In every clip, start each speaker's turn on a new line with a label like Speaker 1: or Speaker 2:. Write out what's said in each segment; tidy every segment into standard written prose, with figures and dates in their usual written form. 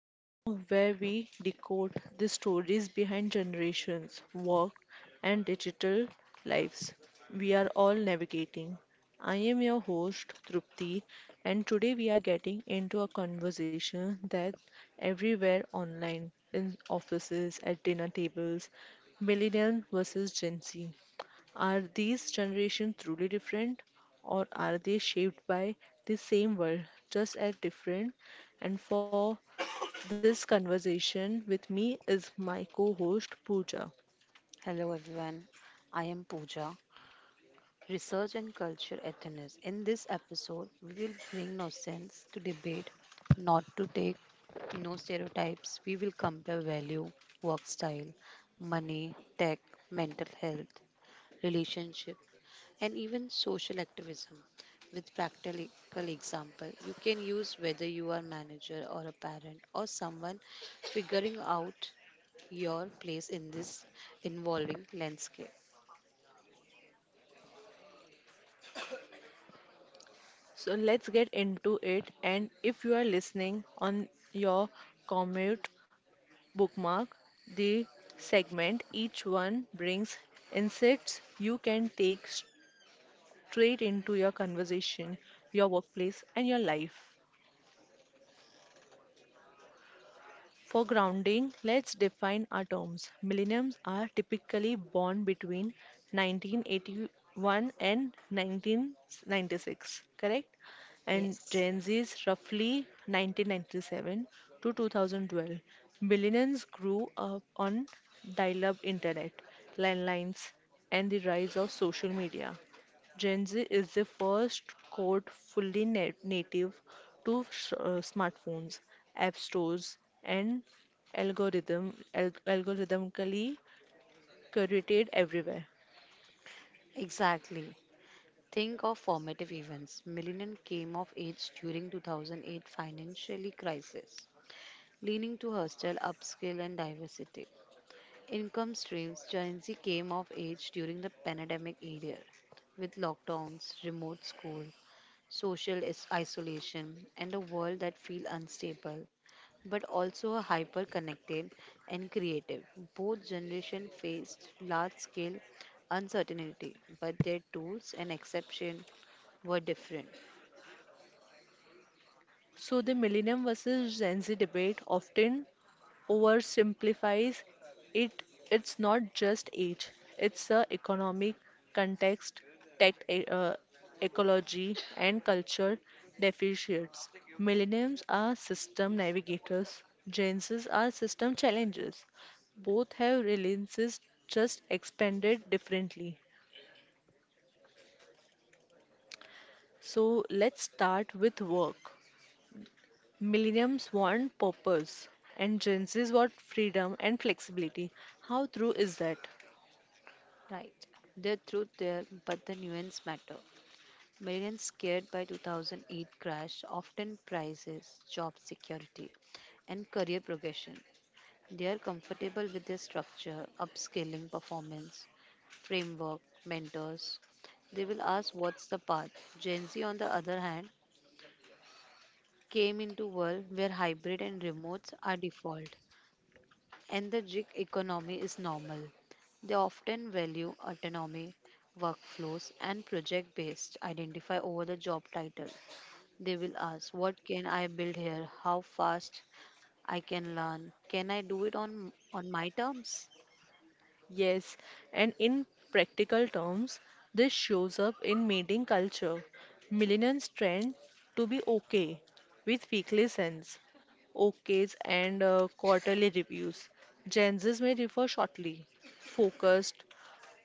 Speaker 1: the show where we decode the stories behind generations, work, and digital lives we are all navigating. I am your host, Trupti, and today we are getting into a conversation that's everywhere online, in offices, at dinner tables. Millennial versus Gen Z, are these generations truly different, or are they shaped by the same world, just at different? And for this conversation with me is my co host Pooja.
Speaker 2: Hello everyone, I am Pooja, Research and Culture at In this episode, we will bring no sense to debate, not to take no stereotypes. We will compare value, work style, money, tech, mental health, relationship, and even social activism with practical example you can use whether you are manager or a parent or someone figuring out your place in this evolving landscape.
Speaker 1: So let's get into it. And if you are listening on your commute, bookmark the segment. Each one brings insights you can take straight into your conversation, your workplace, and your life. For grounding, let's define our terms. Millenniums are typically born between 1981 and 1996, correct? And
Speaker 2: Yes,
Speaker 1: Gen Z is roughly 1997 to 2012. Millennials grew up on dial-up internet, landlines, and the rise of social media. Gen Z is the first code fully native to smartphones, app stores, and algorithmically curated everywhere.
Speaker 2: exactly. Think of formative events. Millennium came of age during 2008 financially crisis, leaning to hostile upskill and diversity. Income streams. Gen Z came of age during the pandemic era, with lockdowns, remote school, isolation, and a world that feel unstable, but also are hyper connected and creative. Both generations faced large scale uncertainty, but their tools and exception were different.
Speaker 1: So, the Millennium versus Gen Z debate often oversimplifies it. It's not just age, it's the economic context, tech, ecology, and culture deficits. Millennials are system navigators, Gen Zs are system challenges. Both have relevances, just expanded differently. So, let's start with work. Millenniums want purpose, and Gen Zs want freedom and flexibility. How true is that?
Speaker 2: Right. The truth there, but the nuance matter. Millions scared by 2008 crash often prices job security and career progression. They are comfortable with their structure, upscaling performance, framework, mentors. They will ask what's the path. Gen Z, on the other hand, came into world where hybrid and remotes are default, and the gig economy is normal. They often value autonomy, workflows, and project-based identify over the job title. They will ask, what can I build here? How fast I can learn? Can I do it on my terms?
Speaker 1: Yes, and in practical terms, this shows up in mating culture. Millennials trend to be okay with weekly sends, OKs, and quarterly reviews. Gen Zs may differ shortly, focused,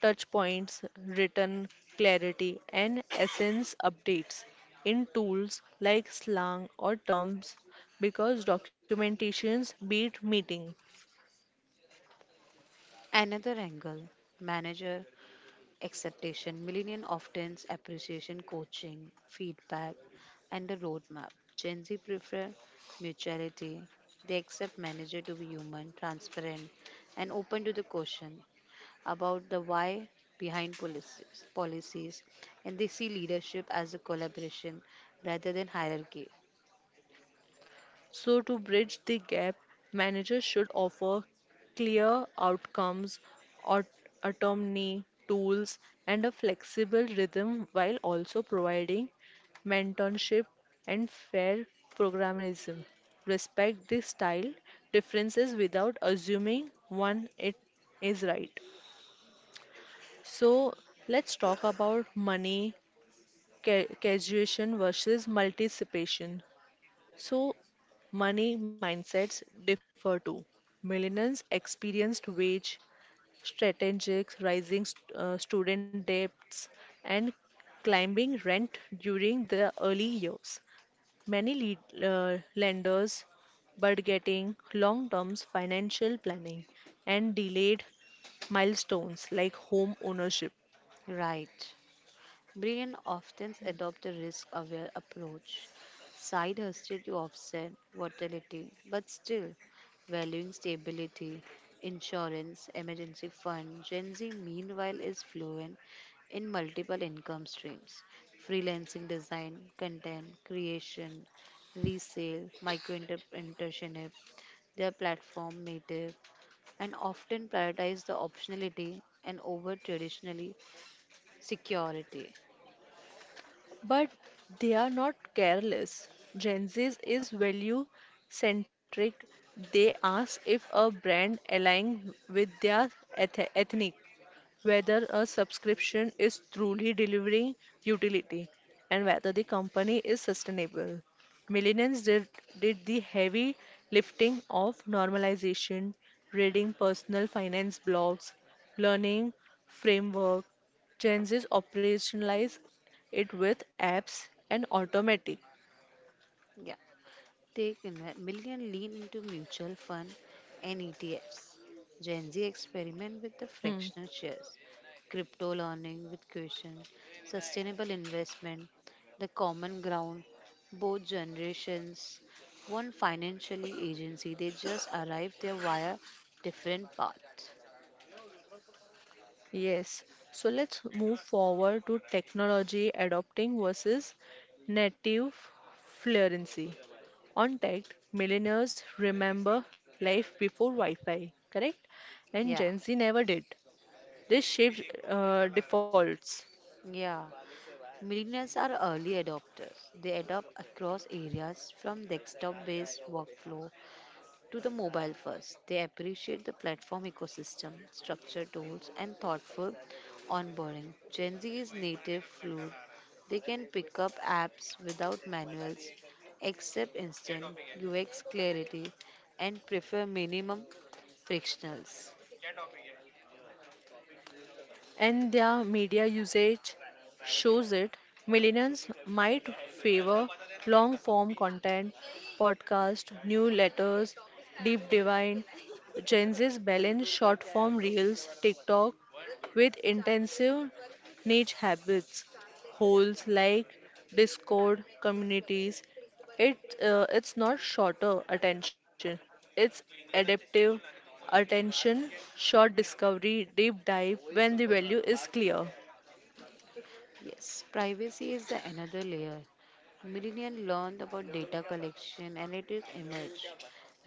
Speaker 1: touch points, written clarity, and essence updates in tools like slang or terms because documentations beat meeting.
Speaker 2: Another angle manager acceptation. Millennial often appreciation coaching, feedback, and a roadmap. Gen Z prefer mutuality. They accept manager to be human, transparent, and open to the question about the why behind policies and they see leadership as a collaboration rather than hierarchy.
Speaker 1: So, to bridge the gap, managers should offer clear outcomes, aut- autonomy, tools, and a flexible rhythm while also providing mentorship and fair programmerism. Respect the style differences without assuming one it is right. So let's talk about money, causation versus multiplication. So, money mindsets differ too. Millennials experienced wage strategies, rising student debts, and climbing rent during the early years. Many lenders budgeting, long term financial planning, and delayed milestones like home ownership.
Speaker 2: Right. Britain often adopts a risk aware approach, side hosted to offset volatility, but still valuing stability, insurance, emergency fund. Gen Z, meanwhile, is fluent in multiple income streams freelancing design, content creation, resale, micro entrepreneurship. They are platform native and often prioritize the optionality and over traditionally security.
Speaker 1: But they are not careless. Gen Z is value centric. They ask if a brand aligns with their ethnic, whether a subscription is truly delivering utility, and whether the company is sustainable. Millennials did the heavy lifting of normalization, reading personal finance blogs, learning framework. Gen Zs operationalize it with apps and automatic.
Speaker 2: Yeah. Million lean into mutual fund and ETFs. Gen Z experiment with the
Speaker 1: Hmm.
Speaker 2: fractional shares, crypto learning with question, sustainable investment, the common ground. Both generations want financially agency. They just arrive there via different paths.
Speaker 1: Yes. So let's move forward to technology adopting versus native fluency. On tech, millennials remember life before Wi Fi, correct? And Gen
Speaker 2: Yeah,
Speaker 1: Z never did. This shapes defaults.
Speaker 2: yeah. Millennials are early adopters. They adopt across areas from desktop based workflow to the mobile first. They appreciate the platform ecosystem, structured tools, and thoughtful onboarding. Gen Z is native fluid. They can pick up apps without manuals, accept instant UX clarity, and prefer minimum frictionals.
Speaker 1: And their media usage shows it. Millennials might favor long form content, podcast, newsletters, deep divine. Gen Z's balance short form reels, TikTok with intensive niche habits, holes like Discord communities. It's not shorter attention. It's adaptive attention, short discovery, deep dive when the value is clear.
Speaker 2: Yes, privacy is the another layer. Millennials learned about data collection and it is emerged.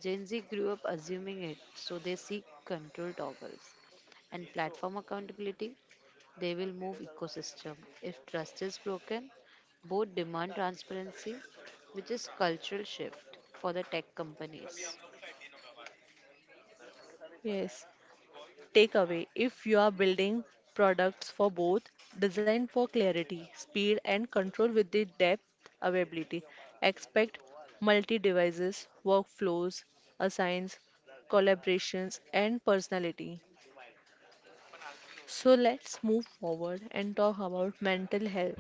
Speaker 2: Gen Z grew up assuming it, so they seek control toggles and platform accountability. They will move ecosystem. If trust is broken, both demand transparency, which is cultural shift for the tech companies.
Speaker 1: Yes. Takeaway: if you are building products for both, design for clarity, speed, and control with the depth availability. Expect multi devices, workflows, assigns, collaborations, and personality. So let's move forward and talk about mental health,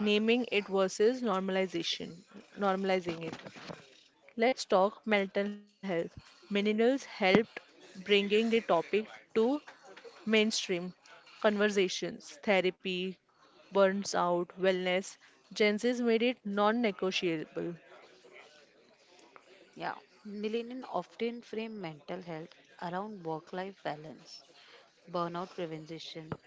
Speaker 1: naming it versus normalization normalizing it. Let's talk mental health. Millennials helped bringing the topic to mainstream conversations, therapy, burns out, wellness. Gen Z's made it non-negotiable.
Speaker 2: Yeah, millennials often frame mental health around work-life balance, burnout prevention,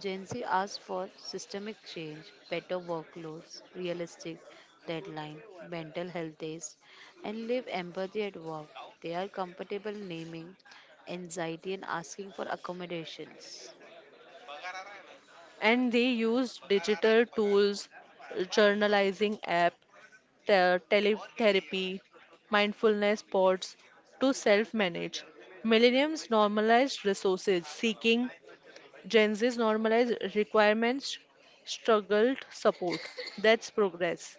Speaker 2: Gen Z asks for systemic change, better workloads, realistic deadline, mental health days, and live empathy at work. They are comfortable naming anxiety and asking for accommodations.
Speaker 1: And they use digital tools, journalizing app, teletherapy, mindfulness pods, to self manage. Millenniums normalized resources, seeking Gen Z's normalized requirements, struggled support. That's progress.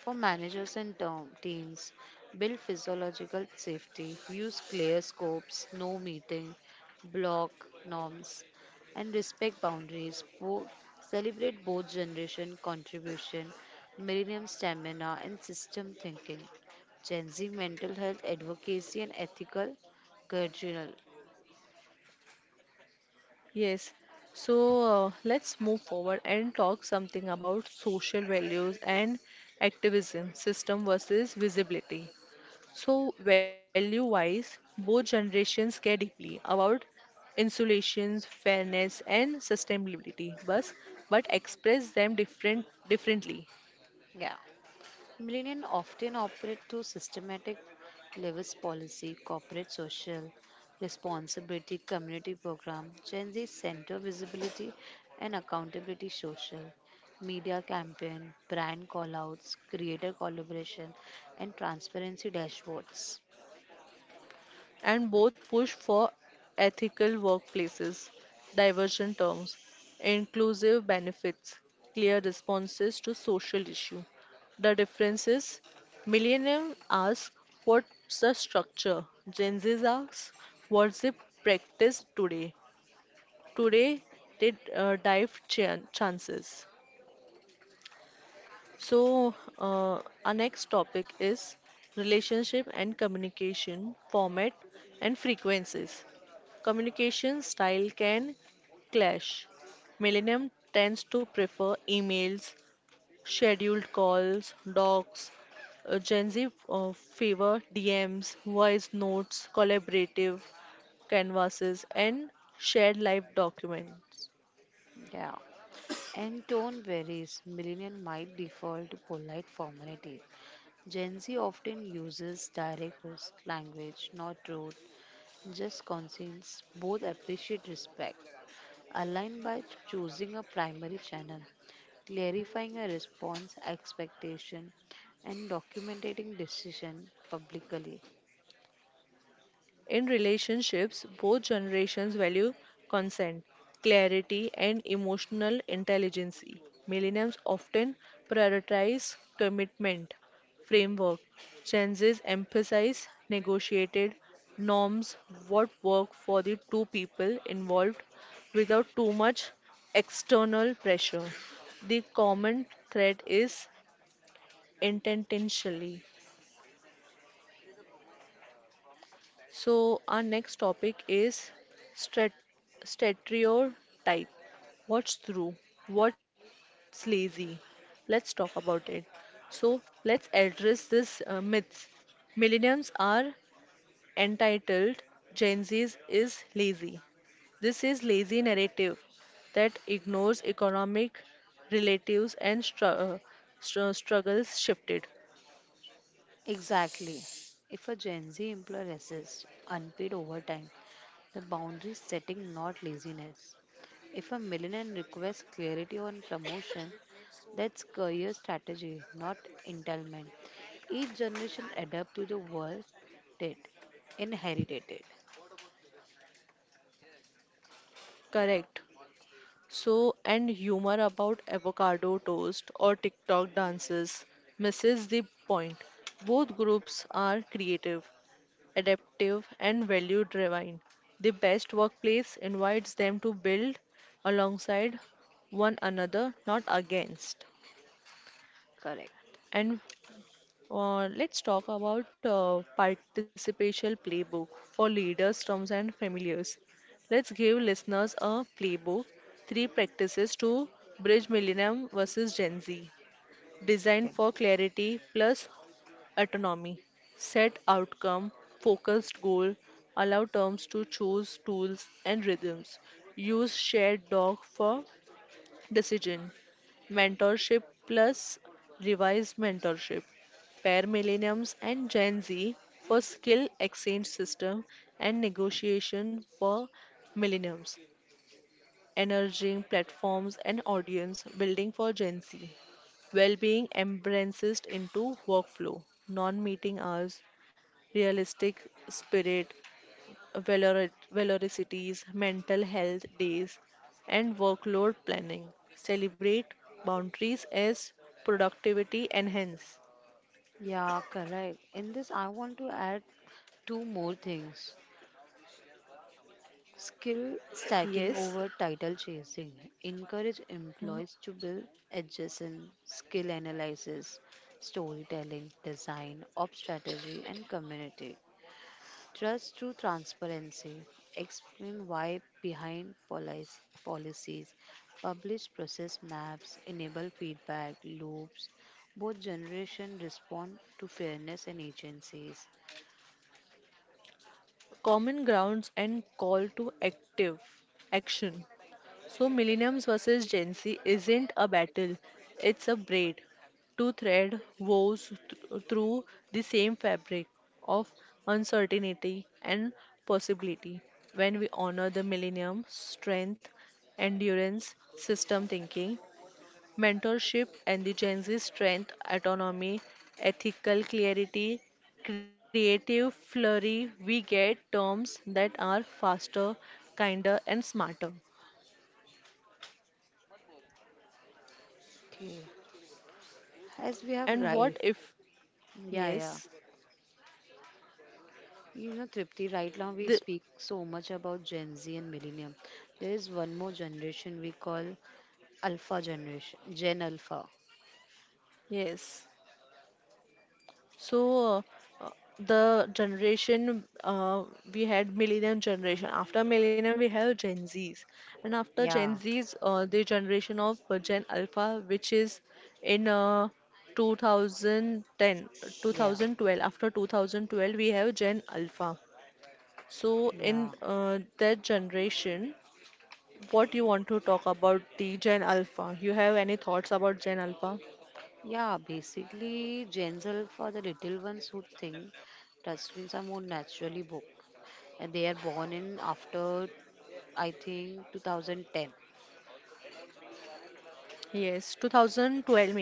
Speaker 2: For managers and teams, build physiological safety, use clear scopes, no meeting, block norms, and respect boundaries. Celebrate both generation contribution, millennium stamina, and system thinking. Gen Z mental health advocacy and ethical guardianal.
Speaker 1: Yes. So let's move forward and talk something about social values and activism, system versus visibility. So, value wise, both generations care deeply about insulations, fairness, and sustainability, but express them differently.
Speaker 2: Yeah. Millennials often operate through systematic levels policy, corporate social responsibility, community program, Gen Z center visibility and accountability social, media campaign, brand callouts, creator collaboration, and transparency dashboards.
Speaker 1: And both push for ethical workplaces, divergent terms, inclusive benefits, clear responses to social issue. The difference is millennium ask what's the structure, Gen Z asks what's the practice today. Today they chances. So our next topic is relationship and communication format and frequencies. Communication style can clash. Millennium tends to prefer emails, scheduled calls, docs. Gen Z favor DMs, voice notes, collaborative canvases, and shared life document.
Speaker 2: Yeah. And tone varies. Millennial might default to polite formality. Gen Z often uses direct host language, not rude, just conscience, both appreciate respect. Align by choosing a primary channel, clarifying a response expectation, and documenting decision publicly.
Speaker 1: In relationships, both generations value consent, clarity, and emotional intelligence. Millennials often prioritize commitment framework. Gen Zs emphasize negotiated norms, what work for the two people involved without too much external pressure. The common thread is intentionally. So, our next topic is strat- stereotype. What's true? What's lazy? Let's talk about it. So, let's address this myths. Millennials are entitled, Gen Z is lazy. This is lazy narrative that ignores economic relatives and struggles shifted.
Speaker 2: Exactly. If a Gen Z employee resists unpaid overtime the boundary setting, not laziness. If a millionaire requests clarity on promotion, that's career strategy, not entitlement. Each generation adapt to the world that inherited it.
Speaker 1: Correct. So, and humor about avocado toast or TikTok dances misses the point. Both groups are creative, adaptive, and value driven. The best workplace invites them to build alongside one another, not against.
Speaker 2: Correct.
Speaker 1: And let's talk about participation playbook for leaders, terms, and familiars. Let's give listeners a playbook, three practices to bridge millennium versus Gen Z, designed
Speaker 2: Okay.
Speaker 1: for clarity plus autonomy. Set outcome, focused goal, allow terms to choose tools and rhythms. Use shared doc for decision. Mentorship plus revised mentorship, pair Millenniums and Gen Z for Skill Exchange System and Negotiation for Millenniums, Energizing Platforms and Audience Building for Gen Z. Well-being embraces into workflow, non-meeting hours, realistic spirit, velocities, mental health days, and workload planning. Celebrate boundaries as productivity enhance.
Speaker 2: Yeah, correct. In this, I want to add two more things. Skill
Speaker 1: Yes.
Speaker 2: stacking over title chasing. Encourage
Speaker 1: Hmm.
Speaker 2: employees to build adjacent skill analysis, storytelling, design, op strategy, and community. Trust through transparency. Explain why behind policies. Publish process maps. Enable feedback loops. Both generation respond to fairness and agencies.
Speaker 1: Common grounds and call to active action. So, millenniums versus Gen Z isn't a battle, it's a braid. Two thread woes through the same fabric of uncertainty and possibility. When we honor the millennium strength, endurance, system thinking, mentorship, and the Gen Z strength, autonomy, ethical clarity, creative flurry, we get terms that are faster, kinder, and smarter.
Speaker 2: Okay. As we have
Speaker 1: And
Speaker 2: right,
Speaker 1: what if?
Speaker 2: yeah, yeah.
Speaker 1: Yes,
Speaker 2: You know, Tripti, right now we
Speaker 1: the
Speaker 2: speak so much about Gen Z and Millennium. There is one more generation we call Alpha generation, Gen Alpha.
Speaker 1: yes. So uh, the generation we had millennium generation. After millennium, we have Gen Zs, and after Gen
Speaker 2: Yeah,
Speaker 1: Zs, the generation of Gen Alpha, which is in 2010,
Speaker 2: yeah,
Speaker 1: 2012. After 2012, we have Gen Alpha. So
Speaker 2: yeah.
Speaker 1: in that generation, what you want to talk about the Gen Alpha? You have any thoughts about Gen Alpha?
Speaker 2: Yeah, basically, Gen Alpha, the little ones who think touchscreens are more naturally born. And they are born in after, I think, 2010.
Speaker 1: Yes, 2012 maybe.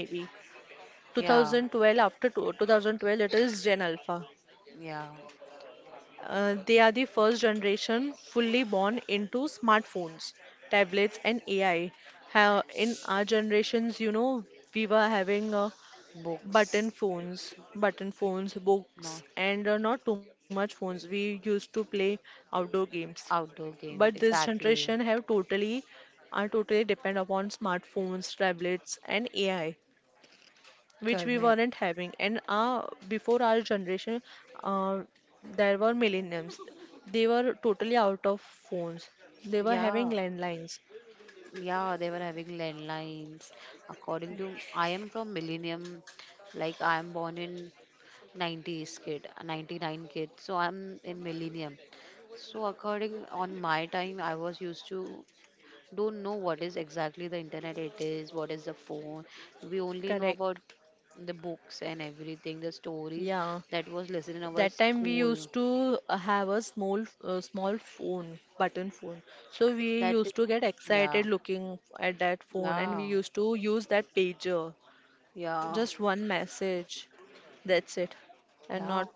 Speaker 2: Yeah,
Speaker 1: 2012 after two, 2012 it is Gen Alpha.
Speaker 2: yeah.
Speaker 1: They are the first generation fully born into smartphones, tablets and AI. How in our generations, you know, we were having
Speaker 2: Books,
Speaker 1: button phones, books
Speaker 2: no,
Speaker 1: and not too much phones. We used to play outdoor games,
Speaker 2: outdoor
Speaker 1: but
Speaker 2: game,
Speaker 1: this generation
Speaker 2: exactly.
Speaker 1: have totally are totally depend upon smartphones, tablets and AI, which we weren't
Speaker 2: Correct.
Speaker 1: having. And our before our generation, uh, there were millenniums. They were totally out of phones, they were having
Speaker 2: Yeah,
Speaker 1: landlines.
Speaker 2: yeah, they were having landlines. According to I am from millennium, like I am born in 90s kid, 99 kid. So I'm in millennium. So according on my time, I was used to don't know what is exactly the internet it is, what is the phone. We only know
Speaker 1: Correct.
Speaker 2: about the books and everything, the stories
Speaker 1: Yeah,
Speaker 2: that was listed in our
Speaker 1: that time we
Speaker 2: school.
Speaker 1: used to have a small phone, button phone, so we
Speaker 2: That is,
Speaker 1: used to get
Speaker 2: yeah,
Speaker 1: excited looking at that phone, and we
Speaker 2: yeah,
Speaker 1: used to use that pager,
Speaker 2: yeah.
Speaker 1: just one message, that's it. And
Speaker 2: Yeah.
Speaker 1: not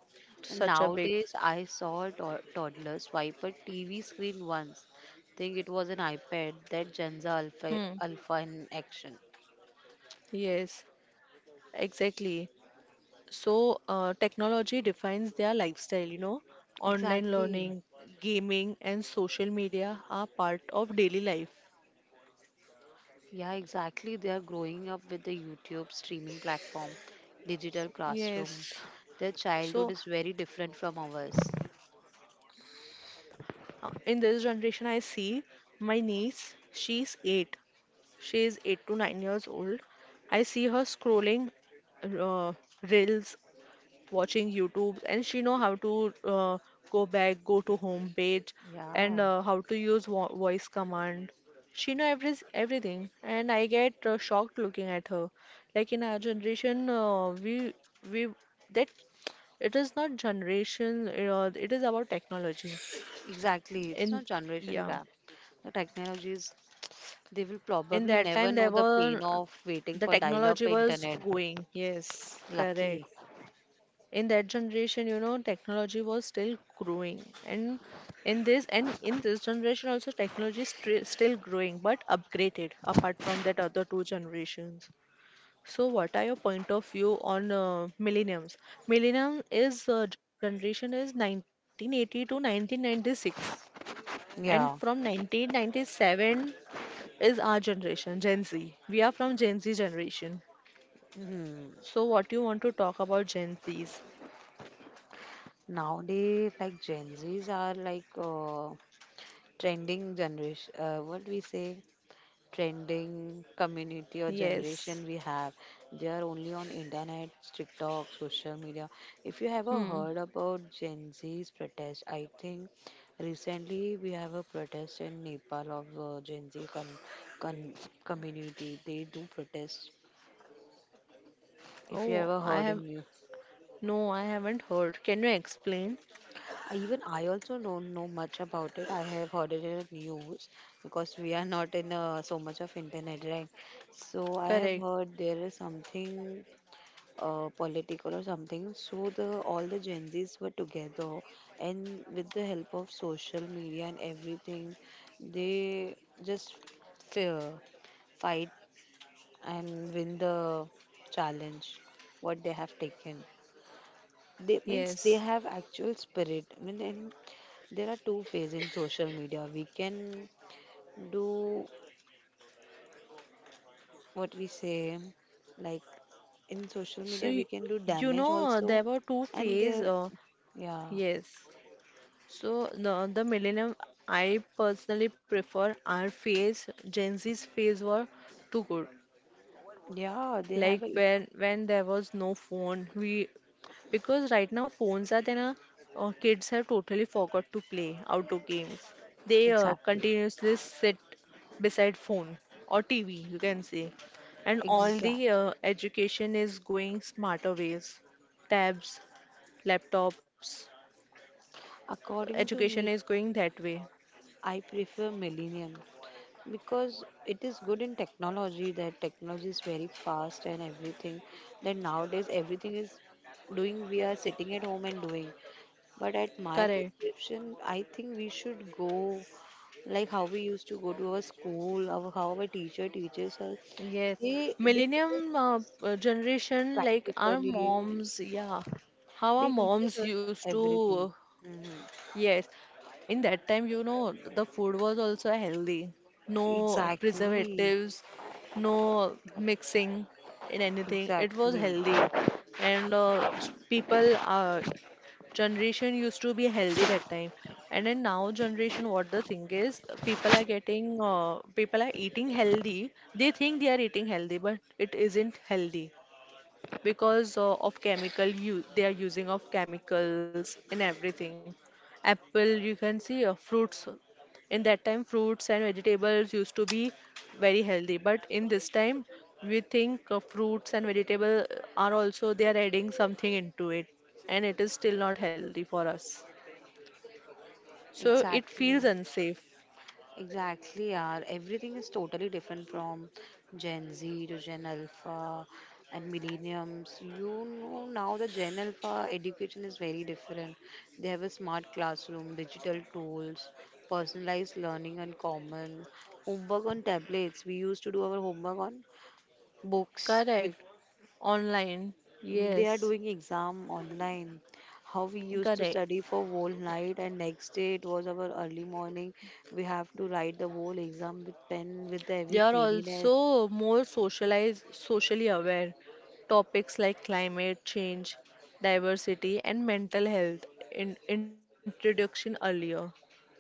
Speaker 1: such a big.
Speaker 2: Nowadays, I saw a toddler swipe a TV screen once. Think it was an iPad. That Genza Alpha
Speaker 1: Hmm.
Speaker 2: Alpha in action.
Speaker 1: Yes, exactly. So, technology defines their lifestyle, you know. Online
Speaker 2: Exactly.
Speaker 1: learning, gaming, and social media are part of daily life.
Speaker 2: Yeah, exactly. They are growing up with the YouTube streaming platform, digital classroom.
Speaker 1: Yes.
Speaker 2: Their childhood
Speaker 1: So,
Speaker 2: is very different from ours.
Speaker 1: in this generation, I see my niece, she's eight. She is 8 to 9 years old. I see her scrolling uh, reels, watching YouTube, and she know how to go back, go to home page,
Speaker 2: Yeah,
Speaker 1: and how to use voice command. She know everything, and I get shocked looking at her. Like in our generation, we that it is not generation. It is about technology.
Speaker 2: exactly. It's
Speaker 1: In
Speaker 2: not generation
Speaker 1: yeah,
Speaker 2: gap. The technologies, they will
Speaker 1: in
Speaker 2: probably
Speaker 1: that
Speaker 2: never
Speaker 1: time there
Speaker 2: know the
Speaker 1: were,
Speaker 2: pain of waiting
Speaker 1: the
Speaker 2: for dial up
Speaker 1: technology was
Speaker 2: internet.
Speaker 1: going. Yes, correct.
Speaker 2: Lucky.
Speaker 1: In that generation, you know, technology was still growing, and in this generation also technology is still growing, but upgraded apart from that other two generations. So what are your point of view on millenniums? Millennium is generation is 1980 to 1996, and from
Speaker 2: Yeah.
Speaker 1: 1997 is our generation, Gen Z. We are from Gen Z generation.
Speaker 2: Hmm.
Speaker 1: So what you want to talk about Gen Z's?
Speaker 2: Nowadays, like Gen Zs are like trending generation. What we say, trending community or
Speaker 1: Yes.
Speaker 2: generation we have. They are only on internet, TikTok, social media. If you ever
Speaker 1: Hmm.
Speaker 2: heard about Gen Z's protest, I think recently we have a protest in Nepal of Gen Z con- community. They do protest. If you
Speaker 1: Oh,
Speaker 2: ever
Speaker 1: I
Speaker 2: heard
Speaker 1: have,
Speaker 2: in you.
Speaker 1: no, I haven't heard. Can you explain?
Speaker 2: Even I also don't know much about it. I have heard it in the news because we are not in so much of internet, right? So I have
Speaker 1: Correct.
Speaker 2: heard there is something political or something. So the all the Gen Zs were together, and with the help of social media and everything, they just fear, fight, and win the challenge. What they have taken they
Speaker 1: Yes.
Speaker 2: means they have actual spirit, I mean in there are two phases in social media. We can do what we say, like in social
Speaker 1: So
Speaker 2: media, we can do
Speaker 1: you
Speaker 2: damage
Speaker 1: know
Speaker 2: also,
Speaker 1: there were two
Speaker 2: and
Speaker 1: phase.
Speaker 2: there, yeah,
Speaker 1: Yes. So the millennium, I personally prefer our phase. Gen Z's phase were too good.
Speaker 2: yeah, they
Speaker 1: Like
Speaker 2: have a
Speaker 1: when there was no phone, we, because right now phones are there na, kids have totally forgot to play outdoor games. They
Speaker 2: exactly,
Speaker 1: continuously sit beside phone or TV you can say, and all the
Speaker 2: exact.
Speaker 1: education is going smarter ways, tabs, laptops.
Speaker 2: According to
Speaker 1: Education
Speaker 2: me,
Speaker 1: is going that way.
Speaker 2: I prefer Millennium because it is good in technology. That technology is very fast and everything. That nowadays everything is doing. We are sitting at home and doing. But at my
Speaker 1: Correct.
Speaker 2: prescription, I think we should go like how we used to go to our school, our, how our teacher teaches us.
Speaker 1: Yes,
Speaker 2: They
Speaker 1: millennium
Speaker 2: teach us
Speaker 1: generation, like our
Speaker 2: practically.
Speaker 1: moms, yeah, how our
Speaker 2: They teaches
Speaker 1: moms
Speaker 2: us
Speaker 1: used to.
Speaker 2: everything. Hmm.
Speaker 1: Yes, in that time, you know, the food was also healthy. No
Speaker 2: Exactly.
Speaker 1: preservatives, no mixing in anything. It was
Speaker 2: Exactly.
Speaker 1: healthy. And people, generation used to be healthy that time. And then now generation, what the thing is, people are getting, people are eating healthy. They think they are eating healthy, but it isn't healthy because of chemical they are using of chemicals in everything, apple you can see, fruits. In that time fruits and vegetables used to be very healthy, but in this time we think, fruits and vegetable, are also they are adding something into it, and it is still not healthy for us, so it feels
Speaker 2: Exactly.
Speaker 1: unsafe.
Speaker 2: Exactly, yeah. Everything is totally different from Gen Z to Gen Alpha and millenniums. You know, now the Gen Alpha education is very different. They have a smart classroom, digital tools, personalized learning and common homework on tablets. We used to do our homework on books with
Speaker 1: Correct. Online.
Speaker 2: they are
Speaker 1: Yes.
Speaker 2: doing exam online. How we used to
Speaker 1: Correct.
Speaker 2: study for whole night and next day it was our early morning. We have to write the whole exam with pen with
Speaker 1: They
Speaker 2: every
Speaker 1: are
Speaker 2: cleanliness.
Speaker 1: also more socialized, socially aware. Topics like climate change, diversity, and mental health in introduction earlier.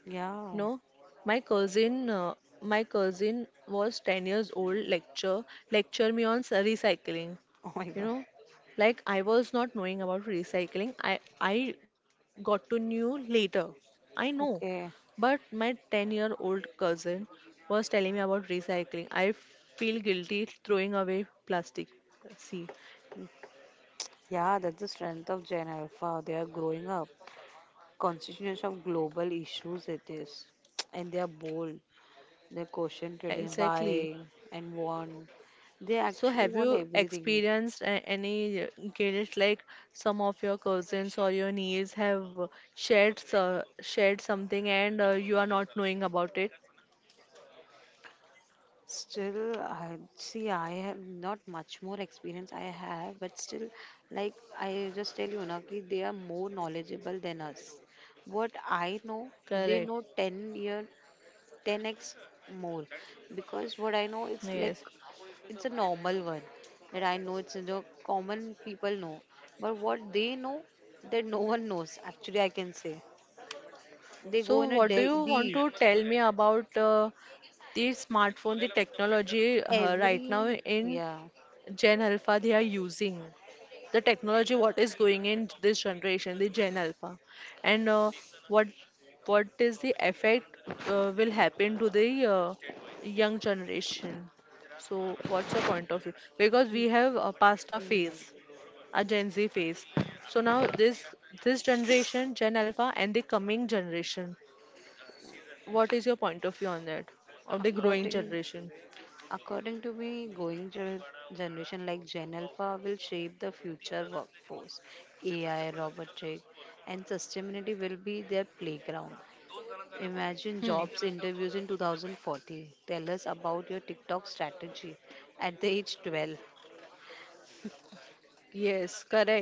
Speaker 1: No,
Speaker 2: Yeah.
Speaker 1: my cousin, was 10 years old. Lecture me on recycling.
Speaker 2: Oh my
Speaker 1: You
Speaker 2: God.
Speaker 1: know, like I was not knowing about recycling. I got to know later. I know,
Speaker 2: Okay.
Speaker 1: but my 10-year-old cousin was telling me about recycling. I feel guilty throwing away plastic. See,
Speaker 2: Yeah, that's the strength of Gen Alpha. They are growing up. Consciousness of global issues it is. And they are bold. They question trading
Speaker 1: exactly.
Speaker 2: why and want. They
Speaker 1: So,
Speaker 2: actually
Speaker 1: have
Speaker 2: want
Speaker 1: you
Speaker 2: everything.
Speaker 1: experienced any guilt, like some of your cousins or your niece have, shared shared something, and you are not knowing about it?
Speaker 2: Still, I see. I have not much more experience I have, but still, like I just tell you, na, ki they are more knowledgeable than us. What I know,
Speaker 1: Correct.
Speaker 2: they know 10 year, ten x more, because what I know, it's
Speaker 1: Yes.
Speaker 2: like it's a normal one that I know. It's you know, common people know, but what they know that no one knows. Actually, I can say they go
Speaker 1: So,
Speaker 2: in a
Speaker 1: what do you want
Speaker 2: deep
Speaker 1: to tell me about, the smartphone, the technology, right
Speaker 2: every
Speaker 1: now in
Speaker 2: yeah.
Speaker 1: Gen Alpha? They are using the technology, what is going in this generation, the Gen Alpha, and what what is the effect, will happen to the, young generation. So what's the point of view? Because
Speaker 2: Mm,
Speaker 1: we have, passed our
Speaker 2: mm.
Speaker 1: phase, a Gen Z phase. So now this generation, Gen Alpha, and the coming generation. What is your point of view on that? Of the growing
Speaker 2: According,
Speaker 1: generation?
Speaker 2: according to me, going generation like Gen Alpha will shape the future workforce. AI, robotic, and sustainability will be their playground.
Speaker 1: Hmm.
Speaker 2: Imagine jobs interviews in 2040. Tell us about your TikTok strategy at the age 12.
Speaker 1: Yes, correct.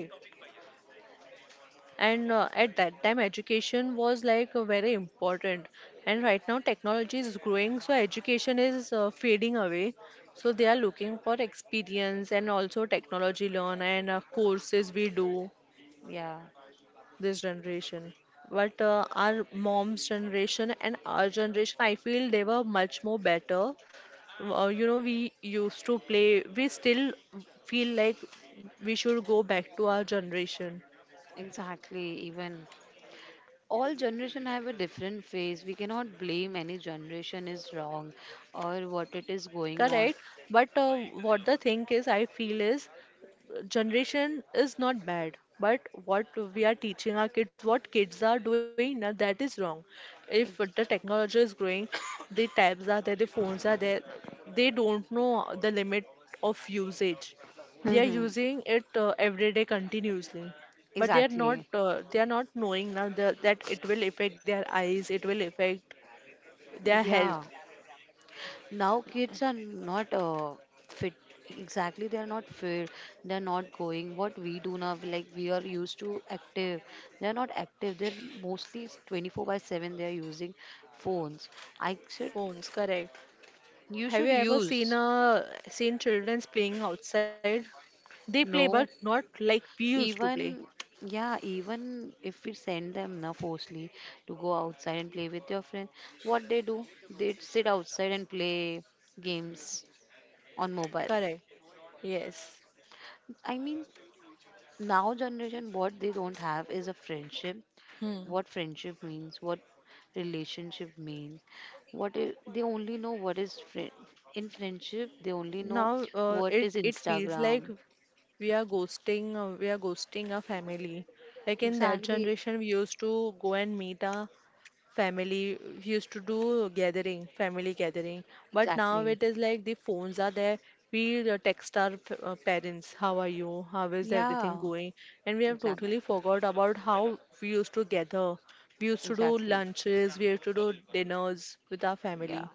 Speaker 1: And at that time education was like, very important, and right now technology is growing, so education is, fading away, so they are looking for experience and also technology learn, and courses we do
Speaker 2: Yeah,
Speaker 1: this generation. But our mom's generation and our generation, I feel they were much more better. We used to play, we still feel like we should go back to our generation.
Speaker 2: exactly. Even all generation have a different phase. We cannot blame any generation is wrong or what it is going on.
Speaker 1: Correct. But what the thing is, I feel is, generation is not bad, but what we are teaching our kids, what kids are doing now, that is wrong. If the
Speaker 2: Ex-
Speaker 1: technology is growing, the tabs are there, the phones are there, they don't know the limit of usage. They are
Speaker 2: Mhm.
Speaker 1: using it, every day continuously, but they are
Speaker 2: Exactly.
Speaker 1: not uh, they are not knowing now, the, that it will affect their eyes, it will affect their health.
Speaker 2: Yeah, now kids are not fit. Exactly, they are not fit. They are not going. What we do now, we like we are used to active. They are not active. They're mostly 24 by 7. They are using phones. I should,
Speaker 1: Phones. Correct.
Speaker 2: you
Speaker 1: Have
Speaker 2: should
Speaker 1: you ever seen
Speaker 2: use.
Speaker 1: a seen childrens playing outside? They play, but
Speaker 2: No,
Speaker 1: not like we used to play.
Speaker 2: even yeah, even if we send them now forcefully to go outside and play with your friend, what they do, they sit outside and play games on mobile.
Speaker 1: Correct. Yes.
Speaker 2: I mean, now generation what they don't have is a friendship,
Speaker 1: Hmm.
Speaker 2: what friendship means, what relationship means, what I they only know what is friend, in friendship they only
Speaker 1: Now
Speaker 2: know what
Speaker 1: it
Speaker 2: is
Speaker 1: it feels like
Speaker 2: Instagram,
Speaker 1: we are ghosting our family. Like in that
Speaker 2: exactly,
Speaker 1: generation, we used to go and meet our family, used to do gathering, family gathering. But now
Speaker 2: exactly,
Speaker 1: it is like the phones are there, we, text our parents, how are you, how is everything
Speaker 2: yeah,
Speaker 1: going. And we have
Speaker 2: exactly,
Speaker 1: totally forgot about how we used to gather, we used to do
Speaker 2: exactly,
Speaker 1: lunches, we used to do dinners with our
Speaker 2: yeah,
Speaker 1: family,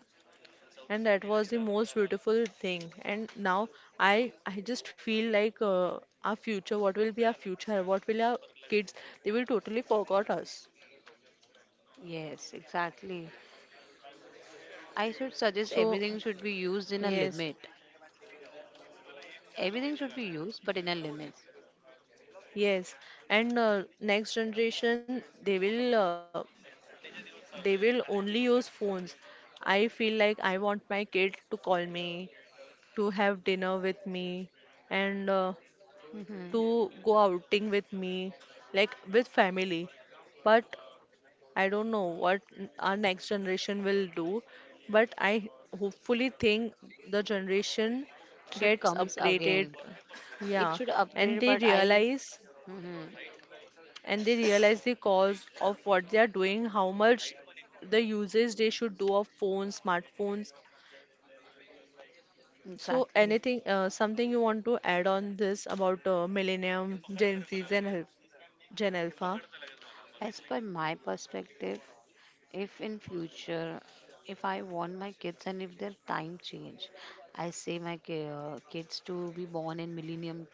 Speaker 1: and that was the most beautiful thing. And now I just feel like, our future, what will be our future, what will our kids, they will totally forgot us.
Speaker 2: yes exactly. I should suggest
Speaker 1: So,
Speaker 2: everything should be used in a
Speaker 1: yes.
Speaker 2: limit, everything should be used but in a limit.
Speaker 1: Yes, and next generation they will only use phones. I feel like I want my kid to call me, to have dinner with me, and
Speaker 2: Hmm.
Speaker 1: to go outing with me, like with family. But I don't know what our next generation will do. But I hopefully think the generation
Speaker 2: Should
Speaker 1: gets
Speaker 2: comes
Speaker 1: upgraded.
Speaker 2: again, it
Speaker 1: Yeah,
Speaker 2: should
Speaker 1: and
Speaker 2: upgrade
Speaker 1: they
Speaker 2: but I
Speaker 1: realize
Speaker 2: Mhm.
Speaker 1: and they realize the cause of what they are doing, how much the uses they should do of phones, smartphones. So,
Speaker 2: Exactly.
Speaker 1: anything, something you want to add on this about, Millennium, Gen Z, and Alpha? Gen Alpha?
Speaker 2: As per my perspective, if in future, if I want my kids and if their time change, I say my kids to be born in millennium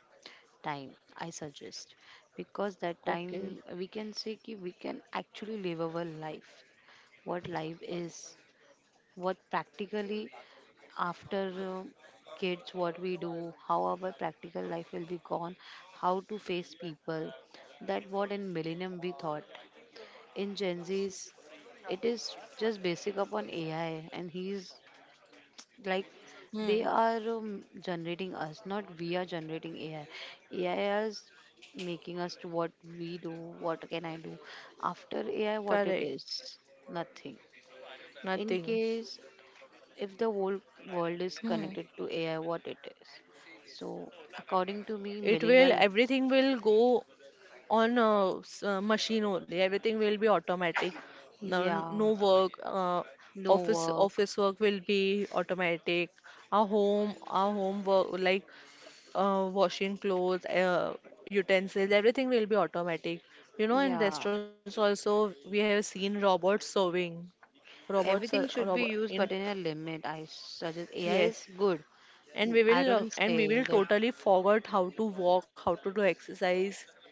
Speaker 2: time. I suggest because that
Speaker 1: Okay.
Speaker 2: time we can say ki we can actually live our life. What life is, what practically after kids what we do, how our practical life will be gone, how to face people, that what in millennium we thought, in Gen Z's it is just basic upon AI and he's like they
Speaker 1: Hmm.
Speaker 2: are generating us not we are generating AI. AI is making us to what we do, what can I do after AI, what it
Speaker 1: Correct.
Speaker 2: is nothing, in
Speaker 1: Nothing.
Speaker 2: case if the whole world is
Speaker 1: Hmm.
Speaker 2: connected to AI, what it is. So, according to me,
Speaker 1: It will,
Speaker 2: millennial,
Speaker 1: everything will go on a machine only. Everything will be automatic. No,
Speaker 2: yeah,
Speaker 1: no work.
Speaker 2: no
Speaker 1: Office
Speaker 2: work,
Speaker 1: office work will be automatic. Our home work, like, washing clothes, utensils, everything will be automatic. In
Speaker 2: yeah,
Speaker 1: restaurants also we have seen robots serving. Robots are
Speaker 2: everything
Speaker 1: robot
Speaker 2: should be
Speaker 1: in.
Speaker 2: used, but in a limit. I suggest AI
Speaker 1: Yes,
Speaker 2: is good.
Speaker 1: and we will
Speaker 2: I
Speaker 1: uh,
Speaker 2: don't
Speaker 1: and we will
Speaker 2: say that
Speaker 1: totally forget how to walk, how to do exercise.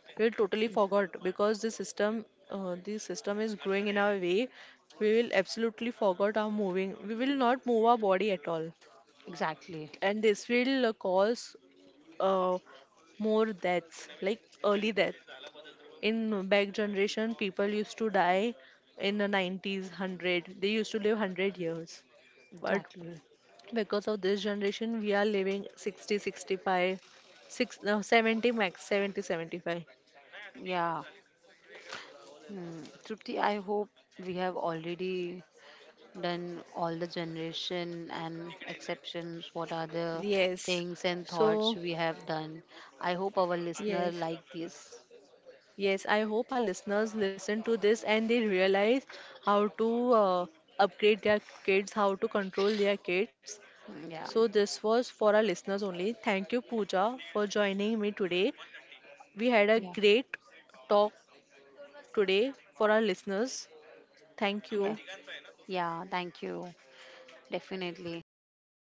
Speaker 1: We'll totally forget because the system is growing in our way. We will absolutely forget our moving, we will not move our body at all.
Speaker 2: exactly,
Speaker 1: And this will, cause, uh, more deaths, like early death. In back generation people used to die in the 90s, 100, they used to live 100 years. But
Speaker 2: exactly,
Speaker 1: because of this generation we are living 60, 65, six, no, 70, max 70, 75.
Speaker 2: yeah. Hmm. Trupti, I hope we have already done all the generation and exceptions what are the
Speaker 1: Yes.
Speaker 2: things and thoughts
Speaker 1: So
Speaker 2: we have done. I hope our listener
Speaker 1: yes.
Speaker 2: like this.
Speaker 1: Yes, I hope our listeners listen to this and they realize how to, upgrade their kids, how to control their kids.
Speaker 2: Mm, yeah
Speaker 1: So this was for our listeners only. Thank you, Pooja, for joining me today. We had a
Speaker 2: yeah,
Speaker 1: great talk today for our listeners. Thank
Speaker 2: yeah,
Speaker 1: you.
Speaker 2: yeah, thank you, definitely.